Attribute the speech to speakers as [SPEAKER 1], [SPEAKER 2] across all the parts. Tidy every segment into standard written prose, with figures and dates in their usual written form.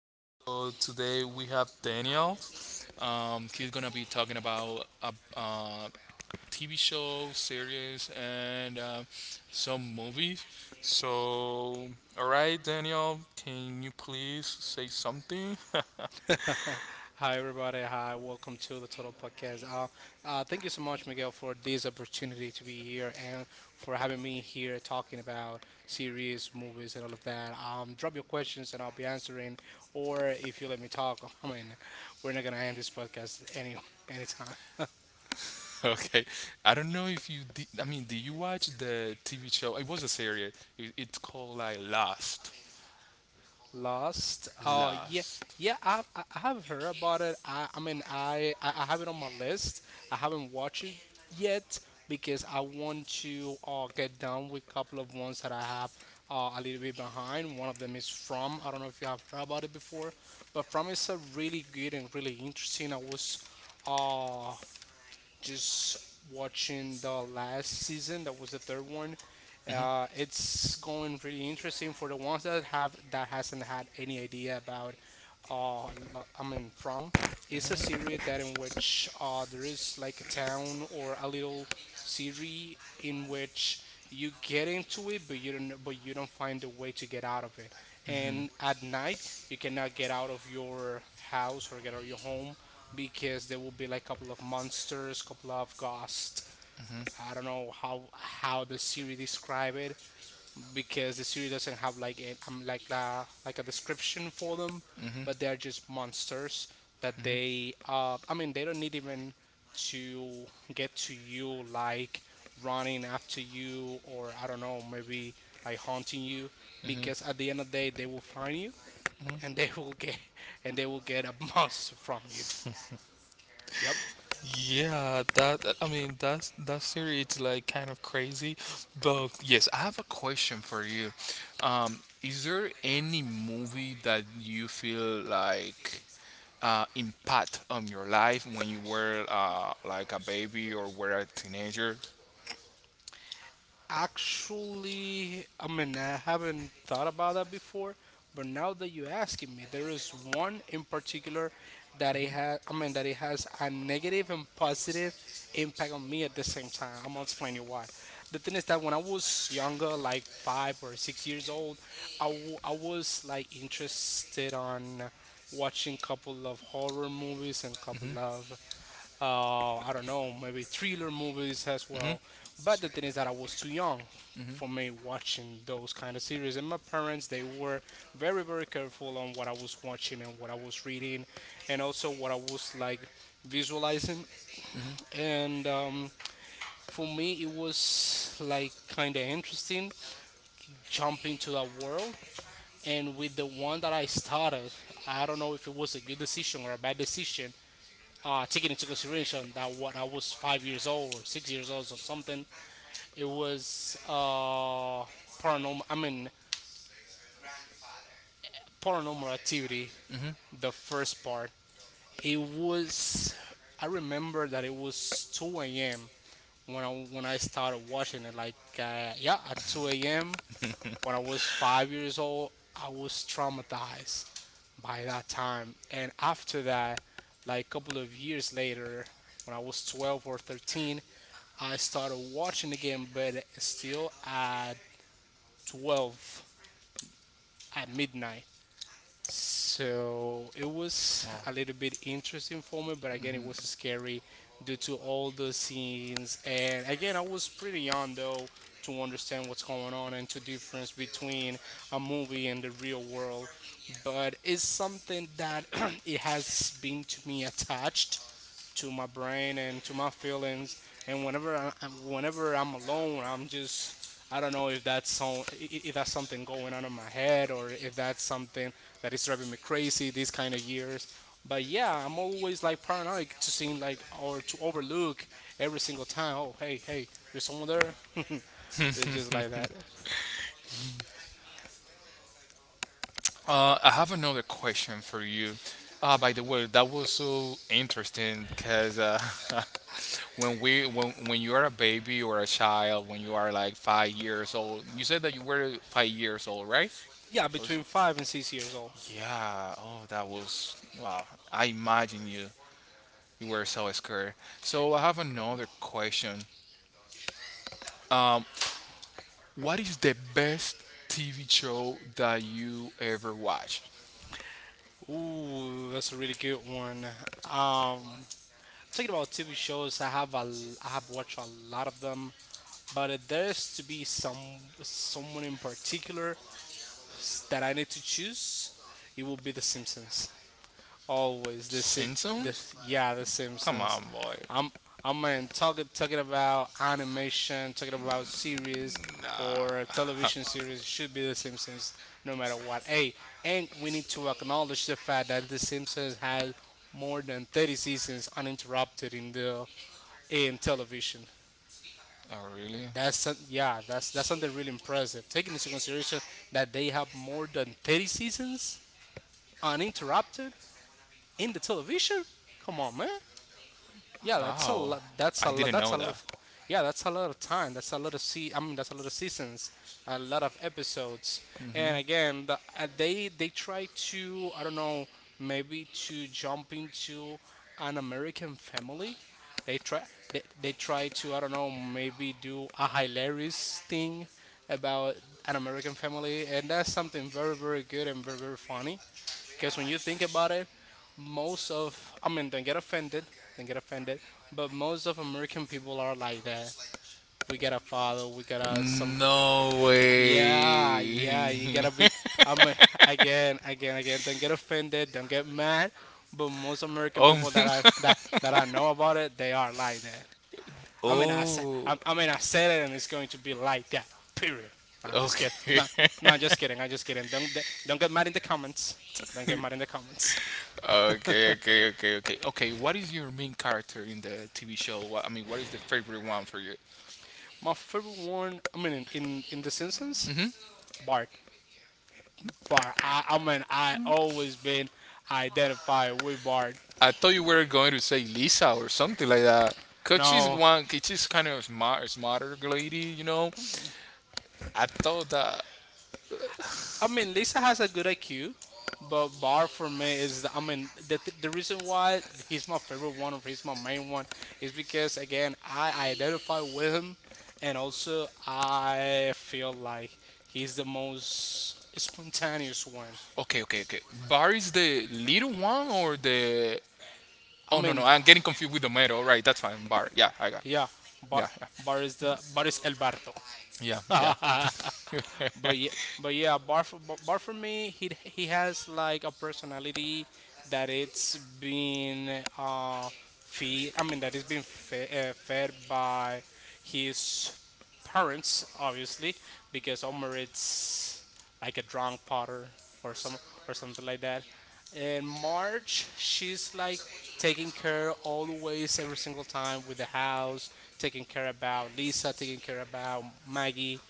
[SPEAKER 1] So, today we have Daniel. He's gonna be talking about a TV show, series, and some movies. So, all right, Daniel, can you please say something?
[SPEAKER 2] Hi, everybody. Hi, welcome to the Total Podcast. Thank you so much, Miguel, for this opportunity to be here and for having me here talking about series, movies, and all of that. Drop your questions and I'll be answering, or if you let me talk, I mean, we're not gonna end this podcast any anytime.
[SPEAKER 1] Okay, I don't know if you did. I mean, did you watch the TV show? It was a series. It's called like Lost.
[SPEAKER 2] Lost. Oh yeah,
[SPEAKER 1] Lost.
[SPEAKER 2] yeah. I have heard about it. I mean I have it on my list. I haven't watched it yet because I want to get done with a couple of ones that I have a little bit behind. One of them is From. I don't know if you have heard about it before, but From is a really good and really interesting. I was uh just watching the last season that was the third one. It's going really interesting for the ones that have that hasn't had any idea about uh, I mean From. It's a series that in which there is like a town or a little city in which you get into it, but you don't find a way to get out of it, and at night you cannot get out of your house or get out of your home because there will be like a couple of monsters, couple of ghosts. I don't know how the series describe it, because the series doesn't have like an like like a description for them, but they're just monsters that they I mean they don't need even to get to you, like running after you, or I don't know, maybe like haunting you, because at the end of the day they will find you, and they will get and they will get a monster from you. Yep.
[SPEAKER 1] Yeah, that, I mean that's that series, it's like kind of crazy. But yes, I have a question for you. Is there any movie that you feel like impact on your life when you were like a baby or were a teenager?
[SPEAKER 2] Actually, I mean, I haven't thought about that before, but now that you're asking me, there is one in particular that it has, I mean, that it has a negative and positive impact on me at the same time. I'm gonna explain you why. The thing is that when I was younger, like 5 or 6 years old, I was like interested on watching couple of horror movies and couple of I don't know, maybe thriller movies as well.
[SPEAKER 1] Mm-hmm.
[SPEAKER 2] But the thing is that I was too young for me watching those kind of series, and my parents they were very very careful on what I was watching and what I was reading, and also what I was like visualizing. And for me, it was like kind of interesting jumping to that world. And with the one that I started, I don't know if it was a good decision or a bad decision, taking into consideration that when I was 5 years old or 6 years old or something, it was paranormal. I mean, paranormal activity, the first part. It was. I remember that it was 2 a.m. when I started watching it. Like, yeah, at 2 a.m. when I was 5 years old, I was traumatized by that time. And after that, like a couple of years later, when I was 12 or 13, I started watching again, but still at 12 at midnight. So it was a little bit interesting for me, but again, it was scary due to all the scenes. And again, I was pretty young though to understand what's going on and to difference between a movie and the real world. But it's something that it has been to me attached to my brain and to my feelings. And whenever I'm alone, I'm just, I don't know if that's if that's something going on in my head or if that's something that is driving me crazy these kind of years. But yeah, I'm always like paranoid to seem like or to overlook every single time. Oh, hey, hey, there's someone there. But it's just like that.
[SPEAKER 1] I have another question for you. By the way, that was so interesting because when we when you are a baby or a child, when you are like 5 years old, you said that you were 5 years old, right?
[SPEAKER 2] Yeah,
[SPEAKER 1] That,
[SPEAKER 2] between 5 and 6 years old.
[SPEAKER 1] yeah. Oh, that was wow. I imagine you. You were so scared. So I have another question. Um, what is the best TV show that you ever watched?
[SPEAKER 2] Ooh, that's a really good one. Um, talking about TV shows, I have watched a lot of them, but if there's to be someone in particular that I need to choose, it will be The Simpsons. Always this, si- this,
[SPEAKER 1] Simpsons?
[SPEAKER 2] yeah, The
[SPEAKER 1] Come
[SPEAKER 2] Simpsons.
[SPEAKER 1] on, boy.
[SPEAKER 2] I'm, I'm in talking about animation, talking about series or
[SPEAKER 1] Nah.
[SPEAKER 2] television series. It should be The Simpsons, no matter what. Hey, and we need to acknowledge the fact that The Simpsons has more than 30 seasons uninterrupted in the in television.
[SPEAKER 1] Oh, really?
[SPEAKER 2] Yeah, that's something really impressive. Taking into consideration that they have more than 30 seasons uninterrupted in the television. Come on, man. Yeah, that's a
[SPEAKER 1] Wow.
[SPEAKER 2] lot. That's
[SPEAKER 1] I
[SPEAKER 2] a lot.
[SPEAKER 1] didn't
[SPEAKER 2] That's
[SPEAKER 1] know
[SPEAKER 2] a
[SPEAKER 1] that.
[SPEAKER 2] lot. Yeah, that's a lot of time. That's a lot of se. I mean, that's a lot of seasons, a lot of episodes.
[SPEAKER 1] Hmm?
[SPEAKER 2] And again, they try to, I don't know, maybe to jump into an American family. They try they try to, I don't know, maybe do a hilarious thing about an American family, and that's something very very good and very very funny. Because when you think about it, most of, I mean, don't get offended, but most of American people are like that. We got a father, we got a something.
[SPEAKER 1] No
[SPEAKER 2] Yeah,
[SPEAKER 1] way.
[SPEAKER 2] yeah, I mean, again, again, again, don't get offended, don't get mad, but most American
[SPEAKER 1] Oh.
[SPEAKER 2] people that I know about it, they are like that.
[SPEAKER 1] Oh.
[SPEAKER 2] I mean, I said it and it's going to be like that, period. No, I'm just kidding. No,
[SPEAKER 1] Okay.
[SPEAKER 2] no, I'm just kidding. I'm just kidding. Don't get mad in the comments. Don't get mad in the comments.
[SPEAKER 1] Okay, okay, okay, okay. Okay, what is your main character in the TV show? What, I mean, what is the favorite one for you?
[SPEAKER 2] My favorite one, I mean, in The Simpsons,
[SPEAKER 1] Hmm.
[SPEAKER 2] Bart. Bart. I mean, I always been identified with Bart.
[SPEAKER 1] I thought you were going to say Lisa or something like that. Cause she's
[SPEAKER 2] No,
[SPEAKER 1] one, she's kind of smart, smarter lady, you know. I thought that.
[SPEAKER 2] I mean, Lisa has a good IQ, but Bart for me is, I mean, the reason why he's my favorite one or he's my main one is because, again, I identify with him, and also I feel like he's the most spontaneous one.
[SPEAKER 1] Okay, okay, okay. Bar is the little one or the?
[SPEAKER 2] I
[SPEAKER 1] Oh no, no,
[SPEAKER 2] mean,
[SPEAKER 1] I'm getting confused with the metal. Right, that's fine. Bar. Yeah, I got.
[SPEAKER 2] yeah,
[SPEAKER 1] Yeah,
[SPEAKER 2] Bart, Bart is El Barto.
[SPEAKER 1] yeah, yeah, yeah.
[SPEAKER 2] But yeah, but yeah, but bar for me, he has like a personality that it's been feed. I mean that it's been fed by his parents, obviously, because Omar it's like a drunk potter or some or something like that. And March, she's like taking care always every single time with the house, taking care about Lisa, taking care about Maggie,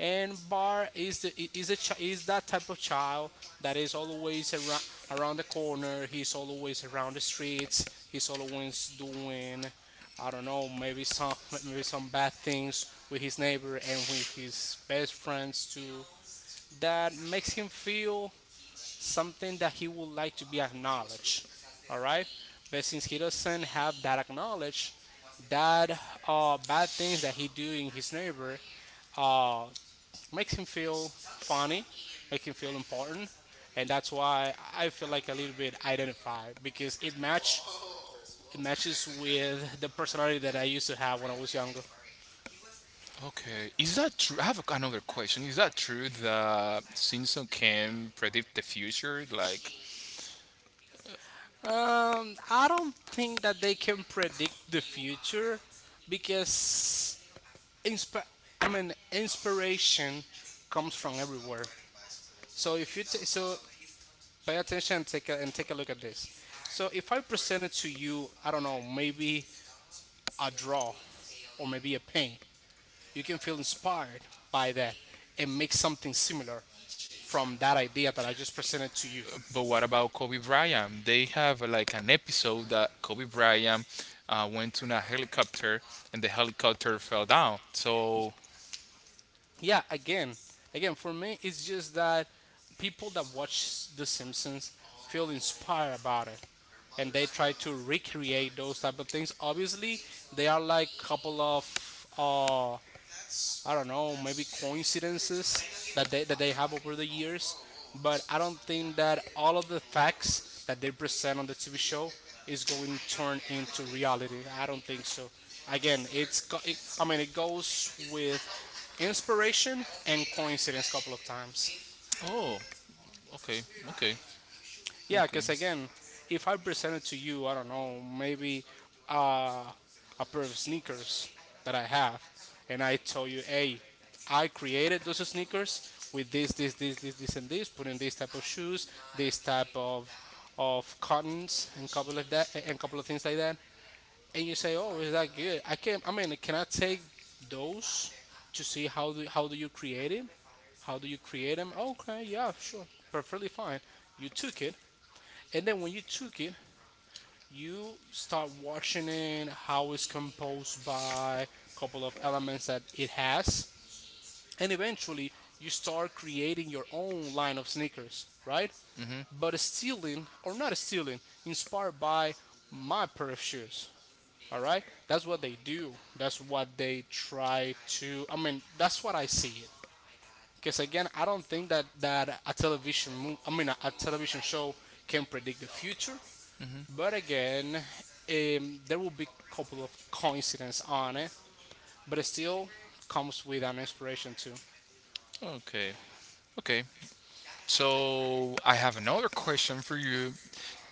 [SPEAKER 2] and Bart is the I- is a chi- is that type of child that is always around the corner. He's always around the streets. He's always doing, I don't know, maybe some maybe some bad things with his neighbor and with his best friends too. That makes him feel something that he would like to be acknowledged. All right, but since he doesn't have that acknowledged, that bad things that he do in his neighbor uh, makes him feel funny, make him feel important, and that's why I feel like a little bit identified because it matches with the personality that I used to have when I was younger.
[SPEAKER 1] Okay, is that true? I have another question. Is that true that Simpson can predict the future? Like,
[SPEAKER 2] I don't think that they can predict the future because insp- I mean inspiration comes from everywhere. So if you t- so pay attention and take a look at this. So if I presented to you, I don't know, maybe a draw or maybe a paint, you can feel inspired by that and make something similar from that idea that I just presented to you.
[SPEAKER 1] but what about Kobe Bryant? They have like an episode that Kobe Bryant went to a helicopter and the helicopter fell down. So,
[SPEAKER 2] Yeah, again, again, for me, it's just that people that watch The Simpsons feel inspired about it and they try to recreate those type of things. Obviously they are like couple of I don't know, maybe coincidences that they have over the years, but I don't think that all of the facts that they present on the TV show is going to turn into reality. I don't think so. Again, I mean it goes with inspiration and coincidence a couple of times.
[SPEAKER 1] oh, okay, okay,
[SPEAKER 2] Yeah,
[SPEAKER 1] okay,
[SPEAKER 2] because again, if I presented to you, I don't know, maybe uh, a pair of sneakers that I have, and I tell you, hey, I created those sneakers with this, this, this, this, this, and this, putting this type of shoes, this type of cottons, and couple of that, and couple of things like that, and you say, oh, is that good? I can, I mean, can I take those to see how do you create it? How do you create them? Okay, yeah, sure, perfectly fine. You took it, and then when you took it, you start watching it, how it's composed by a couple of elements that it has. And eventually, you start creating your own line of sneakers, right? But stealing, or not stealing, inspired by my pair of shoes. All right? That's what they do. That's what they try to, I mean, that's what I see it. Because again, I don't think that, that a television, mo- I mean, a television show can predict the future, but again, there will be a couple of coincidence on it, but it still comes with an inspiration too.
[SPEAKER 1] okay, okay. So I have another question for you.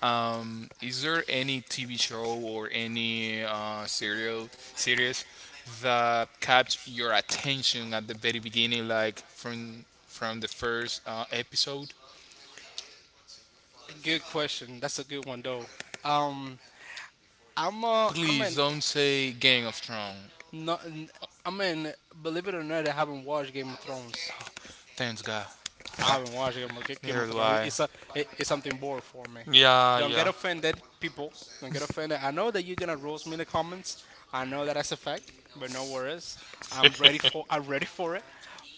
[SPEAKER 1] Is there any TV show or any serial series that kept your attention at the very beginning, like from the first episode?
[SPEAKER 2] Good question. That's a good one though. Um, I'm a, I'm
[SPEAKER 1] Please
[SPEAKER 2] an,
[SPEAKER 1] don't say Game of Thrones.
[SPEAKER 2] not, I am an. Believe it or not, I haven't watched Game of Thrones.
[SPEAKER 1] Thanks God.
[SPEAKER 2] I
[SPEAKER 1] Yeah.
[SPEAKER 2] haven't watched Game
[SPEAKER 1] Neither
[SPEAKER 2] of
[SPEAKER 1] do
[SPEAKER 2] Thrones.
[SPEAKER 1] I.
[SPEAKER 2] It's a it's something bored for me.
[SPEAKER 1] Yeah,
[SPEAKER 2] Don't get
[SPEAKER 1] yeah.
[SPEAKER 2] offended, people. Don't get offended. I know that you're gonna roast me in the comments. I know that that's a fact, but no worries. I'm ready for it.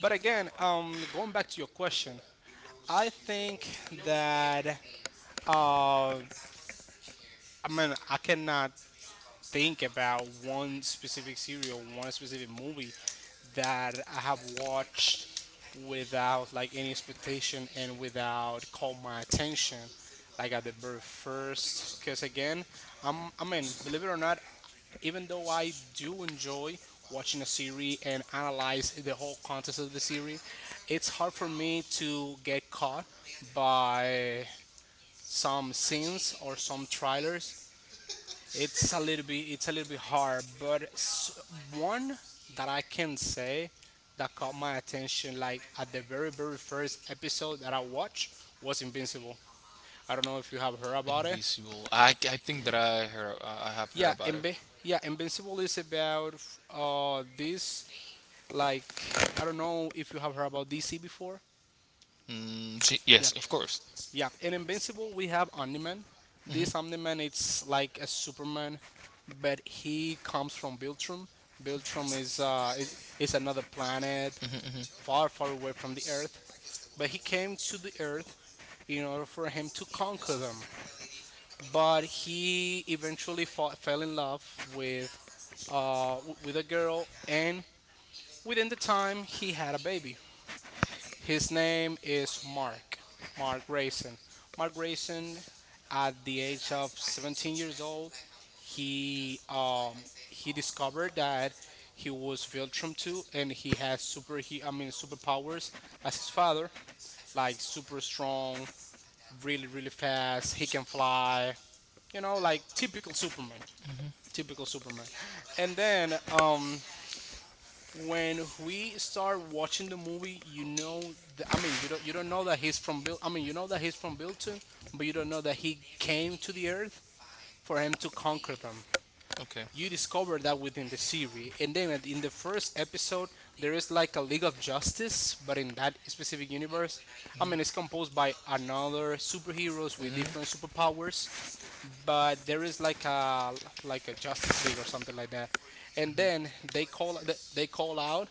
[SPEAKER 2] But again, going back to your question, I think that uh, I mean, I cannot think about one specific serial, one specific movie that I have watched without like any expectation and without call my attention like at the very first, because again, I mean, believe it or not, even though I do enjoy watching a series and analyze the whole context of the series, it's hard for me to get caught by some scenes or some trailers. It's a little bit hard, but one that I can say that caught my attention like at the very very first episode that I watched was Invincible. I don't know if you have heard about it.
[SPEAKER 1] Invisible. I think that I heard I have heard
[SPEAKER 2] Yeah,
[SPEAKER 1] about it.
[SPEAKER 2] Invi- yeah, Invincible is about this like, I don't know if you have heard about DC before.
[SPEAKER 1] Mm, she,
[SPEAKER 2] Yeah.
[SPEAKER 1] yes, of course.
[SPEAKER 2] Yeah, in Invincible we have Omniman. This Omniman it's like a Superman, but he comes from Beltrum. Beltrum is another planet far far away from the Earth, but he came to the Earth in order for him to conquer them. But he eventually fought, fell in love with with a girl, and within the time he had a baby. His name is Mark, Mark Grayson. Mark Grayson, at the age of 17 years old, he discovered that he was Viltrum too, and he, I mean, superpowers as his father, like super strong, really really fast. He can fly, you know, like typical Superman, typical Superman. And then when we start watching the movie, you know, I mean, you don't know that he's from Bill. I mean, you know that he's from Bilton, but you don't know that he came to the Earth for him to conquer them.
[SPEAKER 1] Okay.
[SPEAKER 2] You discover that within the series, and then in the first episode, there is like a League of Justice, but in that specific universe, I mean, it's composed by another superheroes with different
[SPEAKER 1] Mm-hmm.
[SPEAKER 2] superpowers, but there is like a Justice League or something like that, and then they call out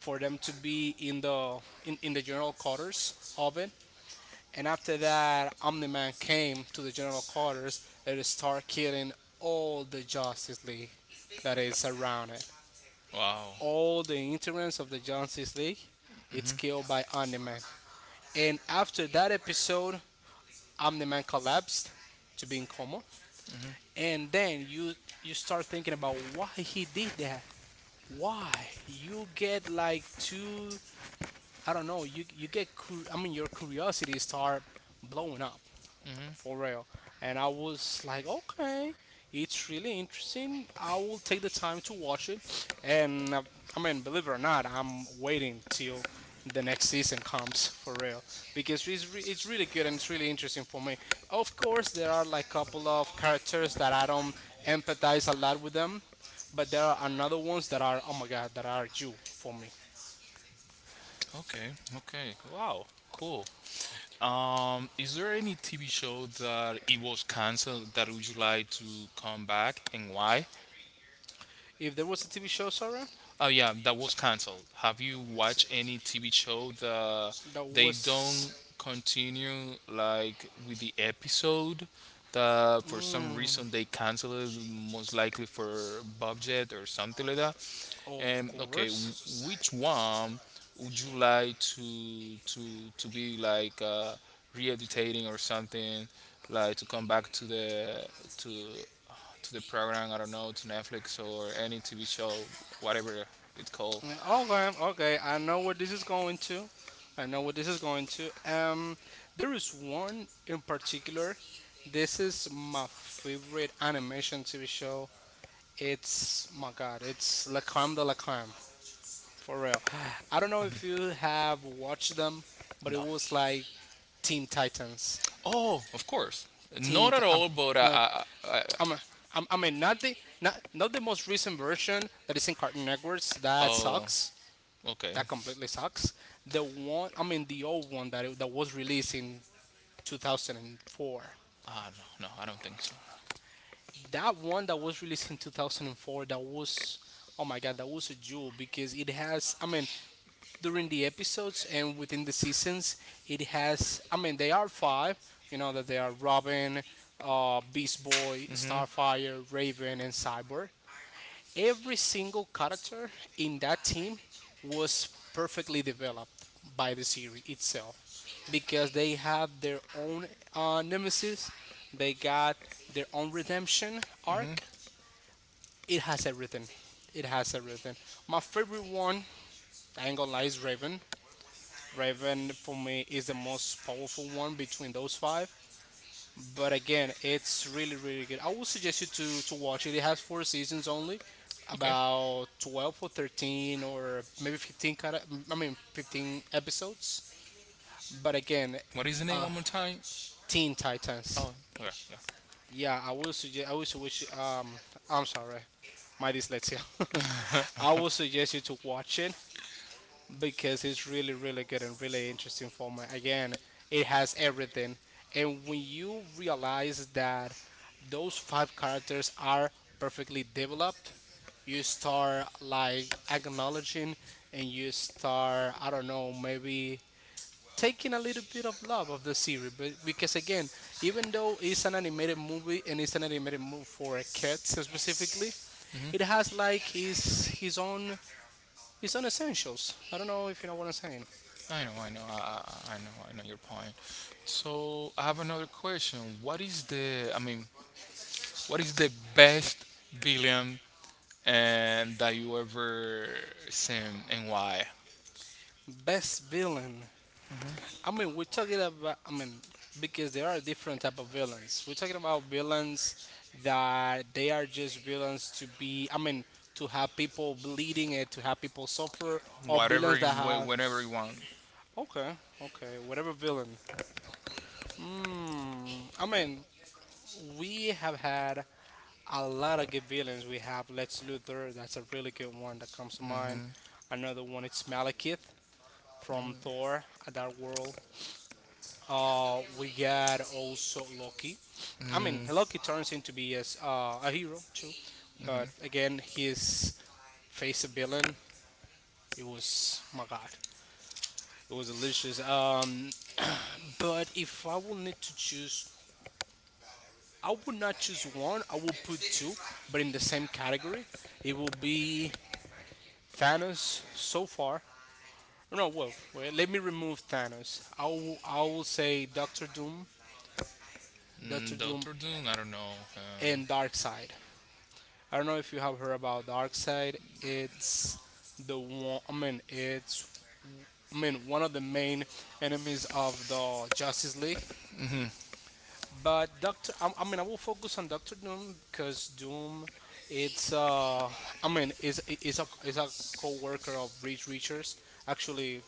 [SPEAKER 2] for them to be in the in the general quarters of it. And after that, Omni Man came to the general quarters and started killing all the Justice League that is around it.
[SPEAKER 1] Wow.
[SPEAKER 2] All the interns of the Justice League, it's killed by Omni Man. And after that episode, Omni Man collapsed to be in coma. And then you start thinking about why he did that. Why you get like two, I don't know. You get I mean, your curiosity start blowing up for
[SPEAKER 1] Mm-hmm.
[SPEAKER 2] real. And I was like, okay, it's really interesting. I will take the time to watch it. And I mean, believe it or not, I'm waiting till the next season comes for real, because it's really good and it's really interesting for me. Of course, there are like couple of characters that I don't empathize a lot with them, but there are another ones that are oh my god, that are you for me.
[SPEAKER 1] Okay. Okay. Wow. Cool. Is there any TV show that it was canceled that would you like to come back, and why?
[SPEAKER 2] If there was a TV show, sorry.
[SPEAKER 1] Oh yeah, that was canceled. Have you watched any TV show that
[SPEAKER 2] The
[SPEAKER 1] they
[SPEAKER 2] was.
[SPEAKER 1] don't continue like with the episode? That for some
[SPEAKER 2] Mm,
[SPEAKER 1] reason they cancel it, most likely for budget or something like that.
[SPEAKER 2] of
[SPEAKER 1] And okay,
[SPEAKER 2] course.
[SPEAKER 1] which one would you like to be like re editating or something, like to come back to the to to the program. I don't know, to Netflix or any TV show, whatever it's called.
[SPEAKER 2] Yeah, okay, okay. I know what this is going to. I know what this is going to. There is one in particular. This is my favorite animation TV show. It's my God. It's La Crème de la Crème. For real. I don't know if you have watched them, but it
[SPEAKER 1] No.
[SPEAKER 2] was like Teen Titans.
[SPEAKER 1] Oh, of course.
[SPEAKER 2] Teen.
[SPEAKER 1] Not
[SPEAKER 2] Ti-
[SPEAKER 1] at
[SPEAKER 2] um,
[SPEAKER 1] all, but
[SPEAKER 2] no.
[SPEAKER 1] I
[SPEAKER 2] I mean, I mean, not, not the most recent version that is in Cartoon Networks. That
[SPEAKER 1] oh,
[SPEAKER 2] sucks.
[SPEAKER 1] okay.
[SPEAKER 2] That completely sucks. The one, I mean, the old one that that was released in 2004.
[SPEAKER 1] Ah, no, no, I don't think so.
[SPEAKER 2] That one that was released in 2004. That was, oh my god, that was a jewel because it has, I mean, during the episodes and within the seasons, it has, I mean, they are five. You know that they are Robin, Beast Boy, Starfire, Raven, and Cyber. Every single character in that team was perfectly developed by the series itself, because they have their own nemesis, they got their own redemption
[SPEAKER 1] Hmm.
[SPEAKER 2] arc. It has everything. It has everything. My favorite one, I ain't gonna lie, is Raven. Raven for me is the most powerful one between those five, but again, it's really really good. I would suggest you to watch it. It has four seasons only,
[SPEAKER 1] Okay.
[SPEAKER 2] about 12 or 13 or maybe 15. Kind of, I mean, 15 episodes. But again,
[SPEAKER 1] What is the name one more time?
[SPEAKER 2] Teen Titans.
[SPEAKER 1] Oh, yeah, yeah.
[SPEAKER 2] Yeah, I will suggest. I will wish. I'm sorry, my dyslexia. I will suggest you to watch it, because it's really really good and really interesting format. Again, it has everything, and when you realize that those five characters are perfectly developed, you start like acknowledging, and you start, I don't know, maybe taking a little bit of love of the series. But because again, even though it's an animated movie and it's an animated movie for kids specifically, it has like his own, it's on essentials. I don't know if you know what I'm saying.
[SPEAKER 1] I know, I know, I know, I know your point. So I have another question. What is the, I mean, what is the best villain and that you ever seen, and why?
[SPEAKER 2] Best villain. I mean, we're talking about, I mean, because there are different type of villains. We're talking about villains that they are just villains to be, I mean, to have people bleeding and to have people suffer, or
[SPEAKER 1] Whatever
[SPEAKER 2] villains
[SPEAKER 1] you,
[SPEAKER 2] that have.
[SPEAKER 1] whenever you want.
[SPEAKER 2] Okay, okay, whatever villain. Hmm. I mean, we have had a lot of good villains. We have Lex Luthor. That's a really good one that comes to mind. Another one. It's Malekith, from Thor: A Dark World. We got also Loki. I mean,
[SPEAKER 1] Mm,
[SPEAKER 2] Loki turns into be as a hero too, but again, his face a villain. It was my god. It was delicious. But if I will need to choose, I would not choose one. I will put two, but in the same category. It will be Thanos so far. No, well, wait, let me remove Thanos. I will say Doctor Doom. Doctor
[SPEAKER 1] mm,
[SPEAKER 2] Doom
[SPEAKER 1] Doctor Doom. I don't know.
[SPEAKER 2] and Darkseid. I don't know if you have heard about Darkseid. It's the one. I mean, it's, I mean, one of the main enemies of the Justice League.
[SPEAKER 1] Hmm.
[SPEAKER 2] But Doctor, I mean, I will focus on Doctor Doom because Doom, it's I mean, is a co-worker of Reed Richards. Actually,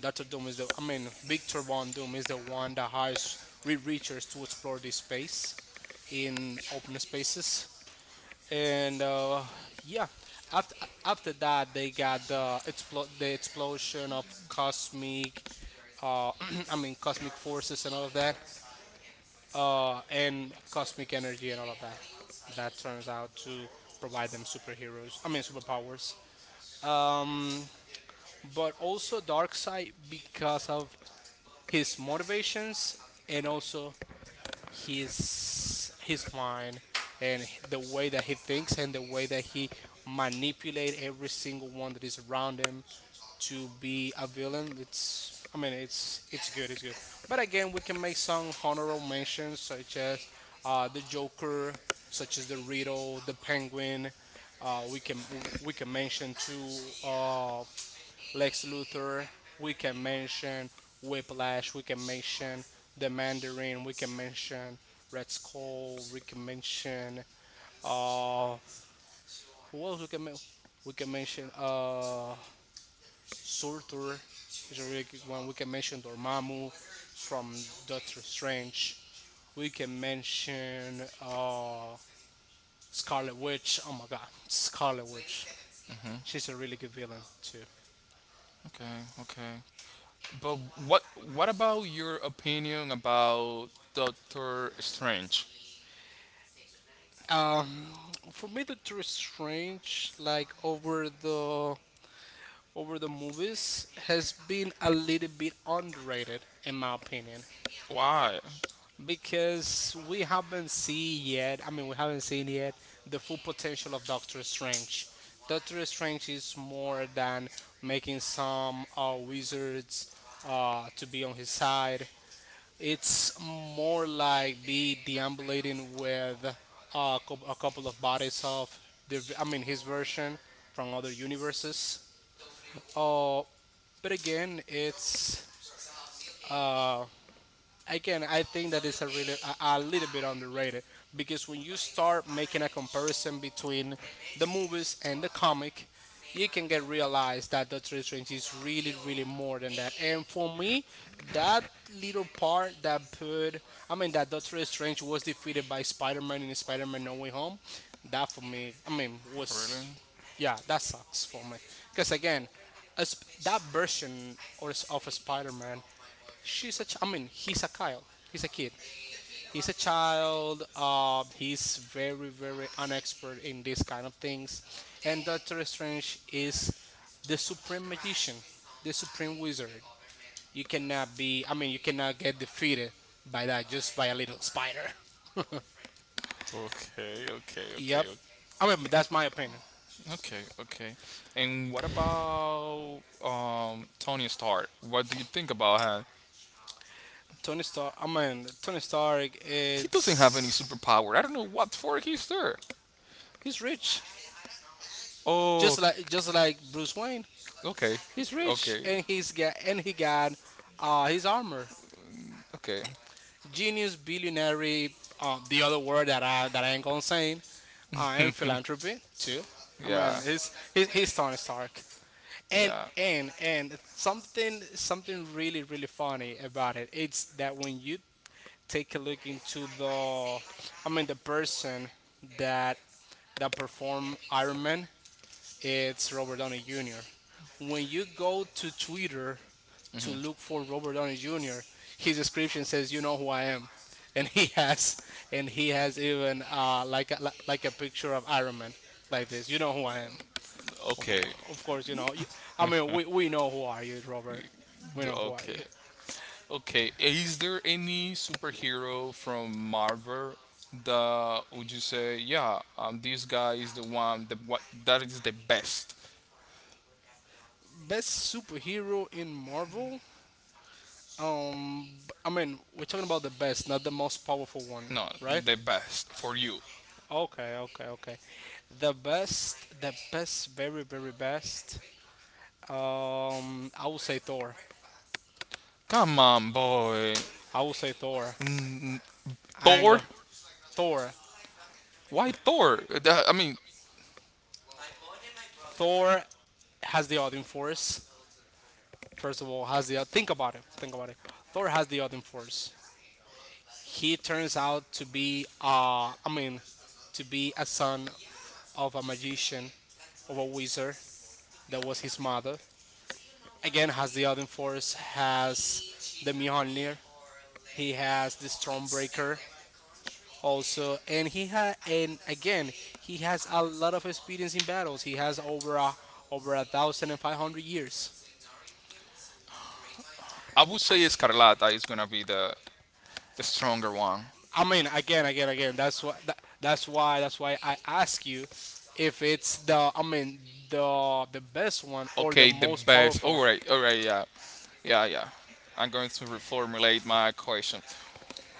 [SPEAKER 2] Doctor Doom is the, I mean, Victor Von Doom is the one that hires Reed Richards to explore this space in open spaces. And yeah, after after that they got the explosion of cosmic uh, I mean, cosmic forces and all of that, and cosmic energy and all of that, that turns out to provide them superheroes I mean, superpowers. um, but also Darkseid, because of his motivations, and also his mind, and the way that he thinks, and the way that he manipulate every single one that is around him to be a villain. It's, I mean, it's good, it's good. But again, we can make some honorable mentions such as the Joker, such as the Riddle, the Penguin. Uh, we can we can mention too, uh, Lex Luthor, we can mention Whiplash, we can mention The Mandarin, we can mention Red Skull, we can mention uh who else we can men- we can mention Surtur is a really good one. We can mention Dormammu from Doctor Strange. We can mention Scarlet Witch. Oh my god, Scarlet Witch. She's a really good villain too.
[SPEAKER 1] Okay, okay. But what, what about your opinion about Doctor Strange?
[SPEAKER 2] Um, for me, Doctor Strange, like over the movies, has been a little bit underrated in my opinion,
[SPEAKER 1] Why?
[SPEAKER 2] because we haven't seen yet. I mean, we haven't seen yet the full potential of Doctor Strange. Doctor Strange is more than making some wizards to be on his side. It's more like me deambulating with a couple of bodies of his version from other universes. Uh, but again, it's Again, I think that is a really a little bit underrated, because when you start making a comparison between the movies and the comic, you can get realized that Doctor Strange is really, really more than that. And for me, that little part that put, I mean, that Doctor Strange was defeated by Spider-Man in Spider-Man No Way Home, that for me, I mean, was
[SPEAKER 1] Really?
[SPEAKER 2] yeah, that sucks for me. Because again, that version of a Spider-Man, she's a ch- I mean he's a child, he's a kid, he's a child. He's very very unexpert in these kind of things, and Doctor Strange is the supreme magician, the supreme wizard. You cannot be I mean you cannot get defeated by that, just by a little spider.
[SPEAKER 1] Okay, okay, okay,
[SPEAKER 2] Yep. I mean but that's my opinion.
[SPEAKER 1] okay, okay. And what about Tony Stark? What do you think about him?
[SPEAKER 2] Tony Stark,
[SPEAKER 1] He doesn't have any
[SPEAKER 2] it's
[SPEAKER 1] superpower. I don't know what for he's there.
[SPEAKER 2] he's rich,
[SPEAKER 1] Oh,
[SPEAKER 2] just like Bruce Wayne.
[SPEAKER 1] okay,
[SPEAKER 2] He's rich
[SPEAKER 1] okay,
[SPEAKER 2] and he got his armor.
[SPEAKER 1] okay.
[SPEAKER 2] Genius, billionaire, the other word that I ain't gonna say, and philanthropy too. I
[SPEAKER 1] Yeah,
[SPEAKER 2] mean, he's Tony Stark. And
[SPEAKER 1] yeah.
[SPEAKER 2] something really really funny about it. It's that when you take a look into the person that that perform Iron Man, it's Robert Downey Jr. When you go to Twitter to look for Robert Downey Jr., his description says, "You know who I am," and he has, and he has even like a picture of Iron Man like this. You know who I am.
[SPEAKER 1] Okay,
[SPEAKER 2] Of course, you know. We know who are you, Robert. We know who are you.
[SPEAKER 1] Okay, okay. Is there any superhero from Marvel that would you say, yeah, this guy is the one that what that is the best?
[SPEAKER 2] Best superhero in Marvel. I mean, we're talking about the best, not the most powerful one,
[SPEAKER 1] No,
[SPEAKER 2] right?
[SPEAKER 1] the best for you.
[SPEAKER 2] Okay, okay, okay. The best, very, very best. I will say Thor.
[SPEAKER 1] Come on, boy.
[SPEAKER 2] I will say Thor.
[SPEAKER 1] N-
[SPEAKER 2] And
[SPEAKER 1] Thor?
[SPEAKER 2] uh, Thor,
[SPEAKER 1] Why Thor? I mean,
[SPEAKER 2] Thor has the Odin Force. First of all, has the think about it. Think about it. Thor has the Odin Force. He turns out to be, to be a son of a magician, of a wizard, that was his mother. Again, has the Odin Force, has the Mjolnir. He has the Stormbreaker also, and he had and again he has a lot of experience in battles. He has over 1,500 years.
[SPEAKER 1] I would say Escarlata is gonna be the stronger one.
[SPEAKER 2] I mean, again, again, again. That's why. That's why. That's why I ask you if it's the. I mean, the best one or the
[SPEAKER 1] Okay, the
[SPEAKER 2] most
[SPEAKER 1] best.
[SPEAKER 2] powerful,
[SPEAKER 1] All right, yeah, yeah, yeah. I'm going to reformulate my question.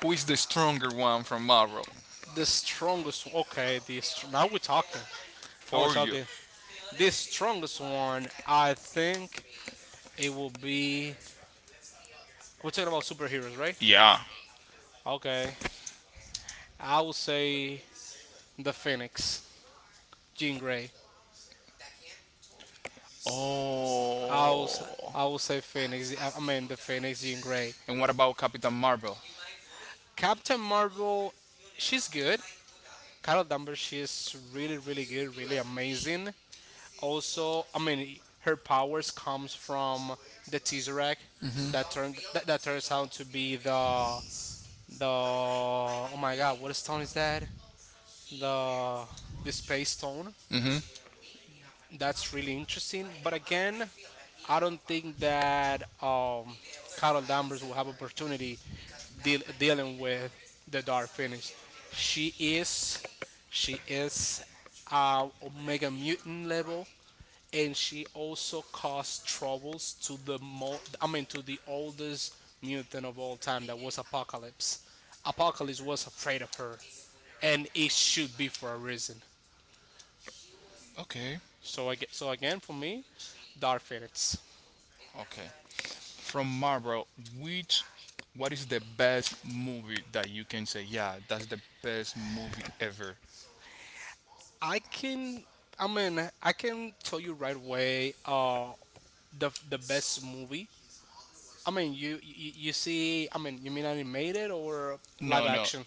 [SPEAKER 1] Who is the stronger one from Marvel
[SPEAKER 2] the strongest one. Okay, now we're talking. Now we're
[SPEAKER 1] for you?
[SPEAKER 2] talking. The strongest one, I think it will be. We're talking about superheroes, right?
[SPEAKER 1] Yeah.
[SPEAKER 2] Okay. I would say the Phoenix, Jean Grey. I would,
[SPEAKER 1] Oh.
[SPEAKER 2] s- I would say Phoenix. I mean the Phoenix, Jean Grey.
[SPEAKER 1] And what about Captain Marvel?
[SPEAKER 2] Captain Marvel, she's good. Carol Danvers, she's really, really good, really amazing. Also, I mean, her powers comes from the Tesseract that that turns out to be the oh my god, what stone is that? The space stone.
[SPEAKER 1] Mm-hmm.
[SPEAKER 2] That's really interesting. But again, I don't think that Carol Danvers will have opportunity dealing with the dark Phoenix. She is, she is Omega Mutant level, and she also caused troubles to the mo- I mean to the oldest mutant of all time. That was Apocalypse. Apocalypse was afraid of her, and it should be for a reason.
[SPEAKER 1] Okay.
[SPEAKER 2] So I get so again for me, dark Phoenix.
[SPEAKER 1] Okay. From Marvel, which, what is the best movie that you can say, yeah, that's the best movie ever?
[SPEAKER 2] I can I can tell you right away the best movie. I mean you see, you mean animated or live
[SPEAKER 1] No, no,
[SPEAKER 2] action?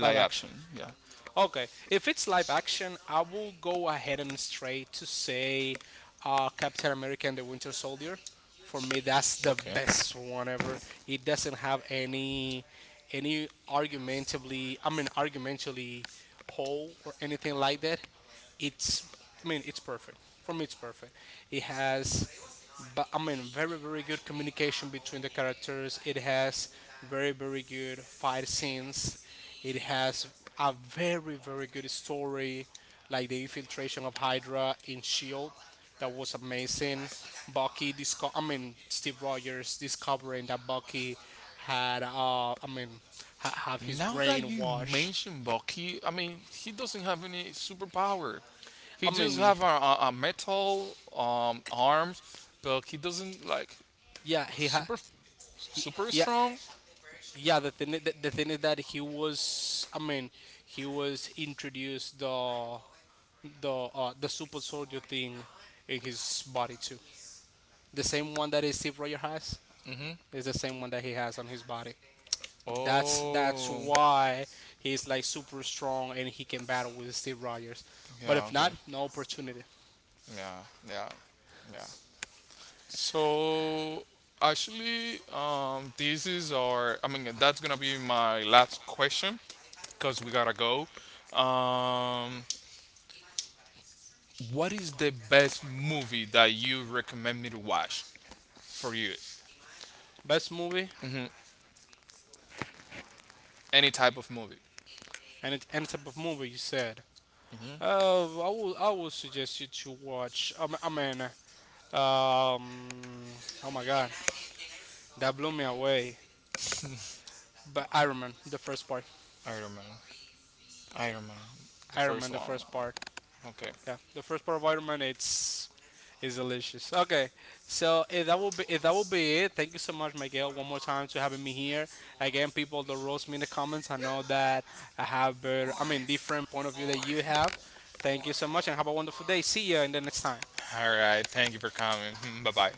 [SPEAKER 2] Live action.
[SPEAKER 1] action. Yeah,
[SPEAKER 2] Okay, if it's live action, I will go ahead and straight to say Captain America and the Winter Soldier. For me, that's the
[SPEAKER 1] okay.
[SPEAKER 2] best one ever. It doesn't have any argumentatively hole or anything like that. It's, I mean, it's perfect. For me, it's perfect. It has, but I mean, very, very good communication between the characters. It has very, very good fight scenes. It has a very, very good story, like the infiltration of Hydra in Shield. That was amazing. Bucky, disco- I mean, Steve Rogers discovering that Bucky had, have his
[SPEAKER 1] Now that
[SPEAKER 2] brain
[SPEAKER 1] you
[SPEAKER 2] washed.
[SPEAKER 1] mention Bucky, I mean, he doesn't have any superpower. He
[SPEAKER 2] I
[SPEAKER 1] just
[SPEAKER 2] mean,
[SPEAKER 1] have a, a, metal arms, but he doesn't like
[SPEAKER 2] yeah, he had,
[SPEAKER 1] super super
[SPEAKER 2] yeah,
[SPEAKER 1] strong.
[SPEAKER 2] yeah, the thing is that he was, I mean, he was introduced the super soldier thing in his body too. The same one that is Steve Rogers has,
[SPEAKER 1] Mhm.
[SPEAKER 2] is the same one that he has on his body. That's
[SPEAKER 1] Oh.
[SPEAKER 2] why he's like super strong and he can battle with Steve Rogers. But
[SPEAKER 1] Yeah,
[SPEAKER 2] if
[SPEAKER 1] okay.
[SPEAKER 2] not, no opportunity.
[SPEAKER 1] Yeah, yeah, yeah. So actually, this is our. I mean, that's gonna be my last question because we gotta go. Um, what is the best movie that you recommend me to watch for you?
[SPEAKER 2] Best movie,
[SPEAKER 1] Hmm. Any type of movie.
[SPEAKER 2] and it any type of movie you said. I will suggest you to watch. Um, oh my God, that blew me away. But Iron Man, the first part.
[SPEAKER 1] Iron Man. Iron Man. The
[SPEAKER 2] Iron
[SPEAKER 1] first
[SPEAKER 2] Man, the
[SPEAKER 1] one.
[SPEAKER 2] first part.
[SPEAKER 1] Okay.
[SPEAKER 2] Yeah, the first part of Iron Man, it's is delicious. Okay, so if that will be it, thank you so much, Miguel, one more time to having me here. Again, people that roast me in the comments, I know that I have different point of view that you have. Thank you so much, and have a wonderful day. See you in the next time.
[SPEAKER 1] All right. Thank you for coming. Bye bye.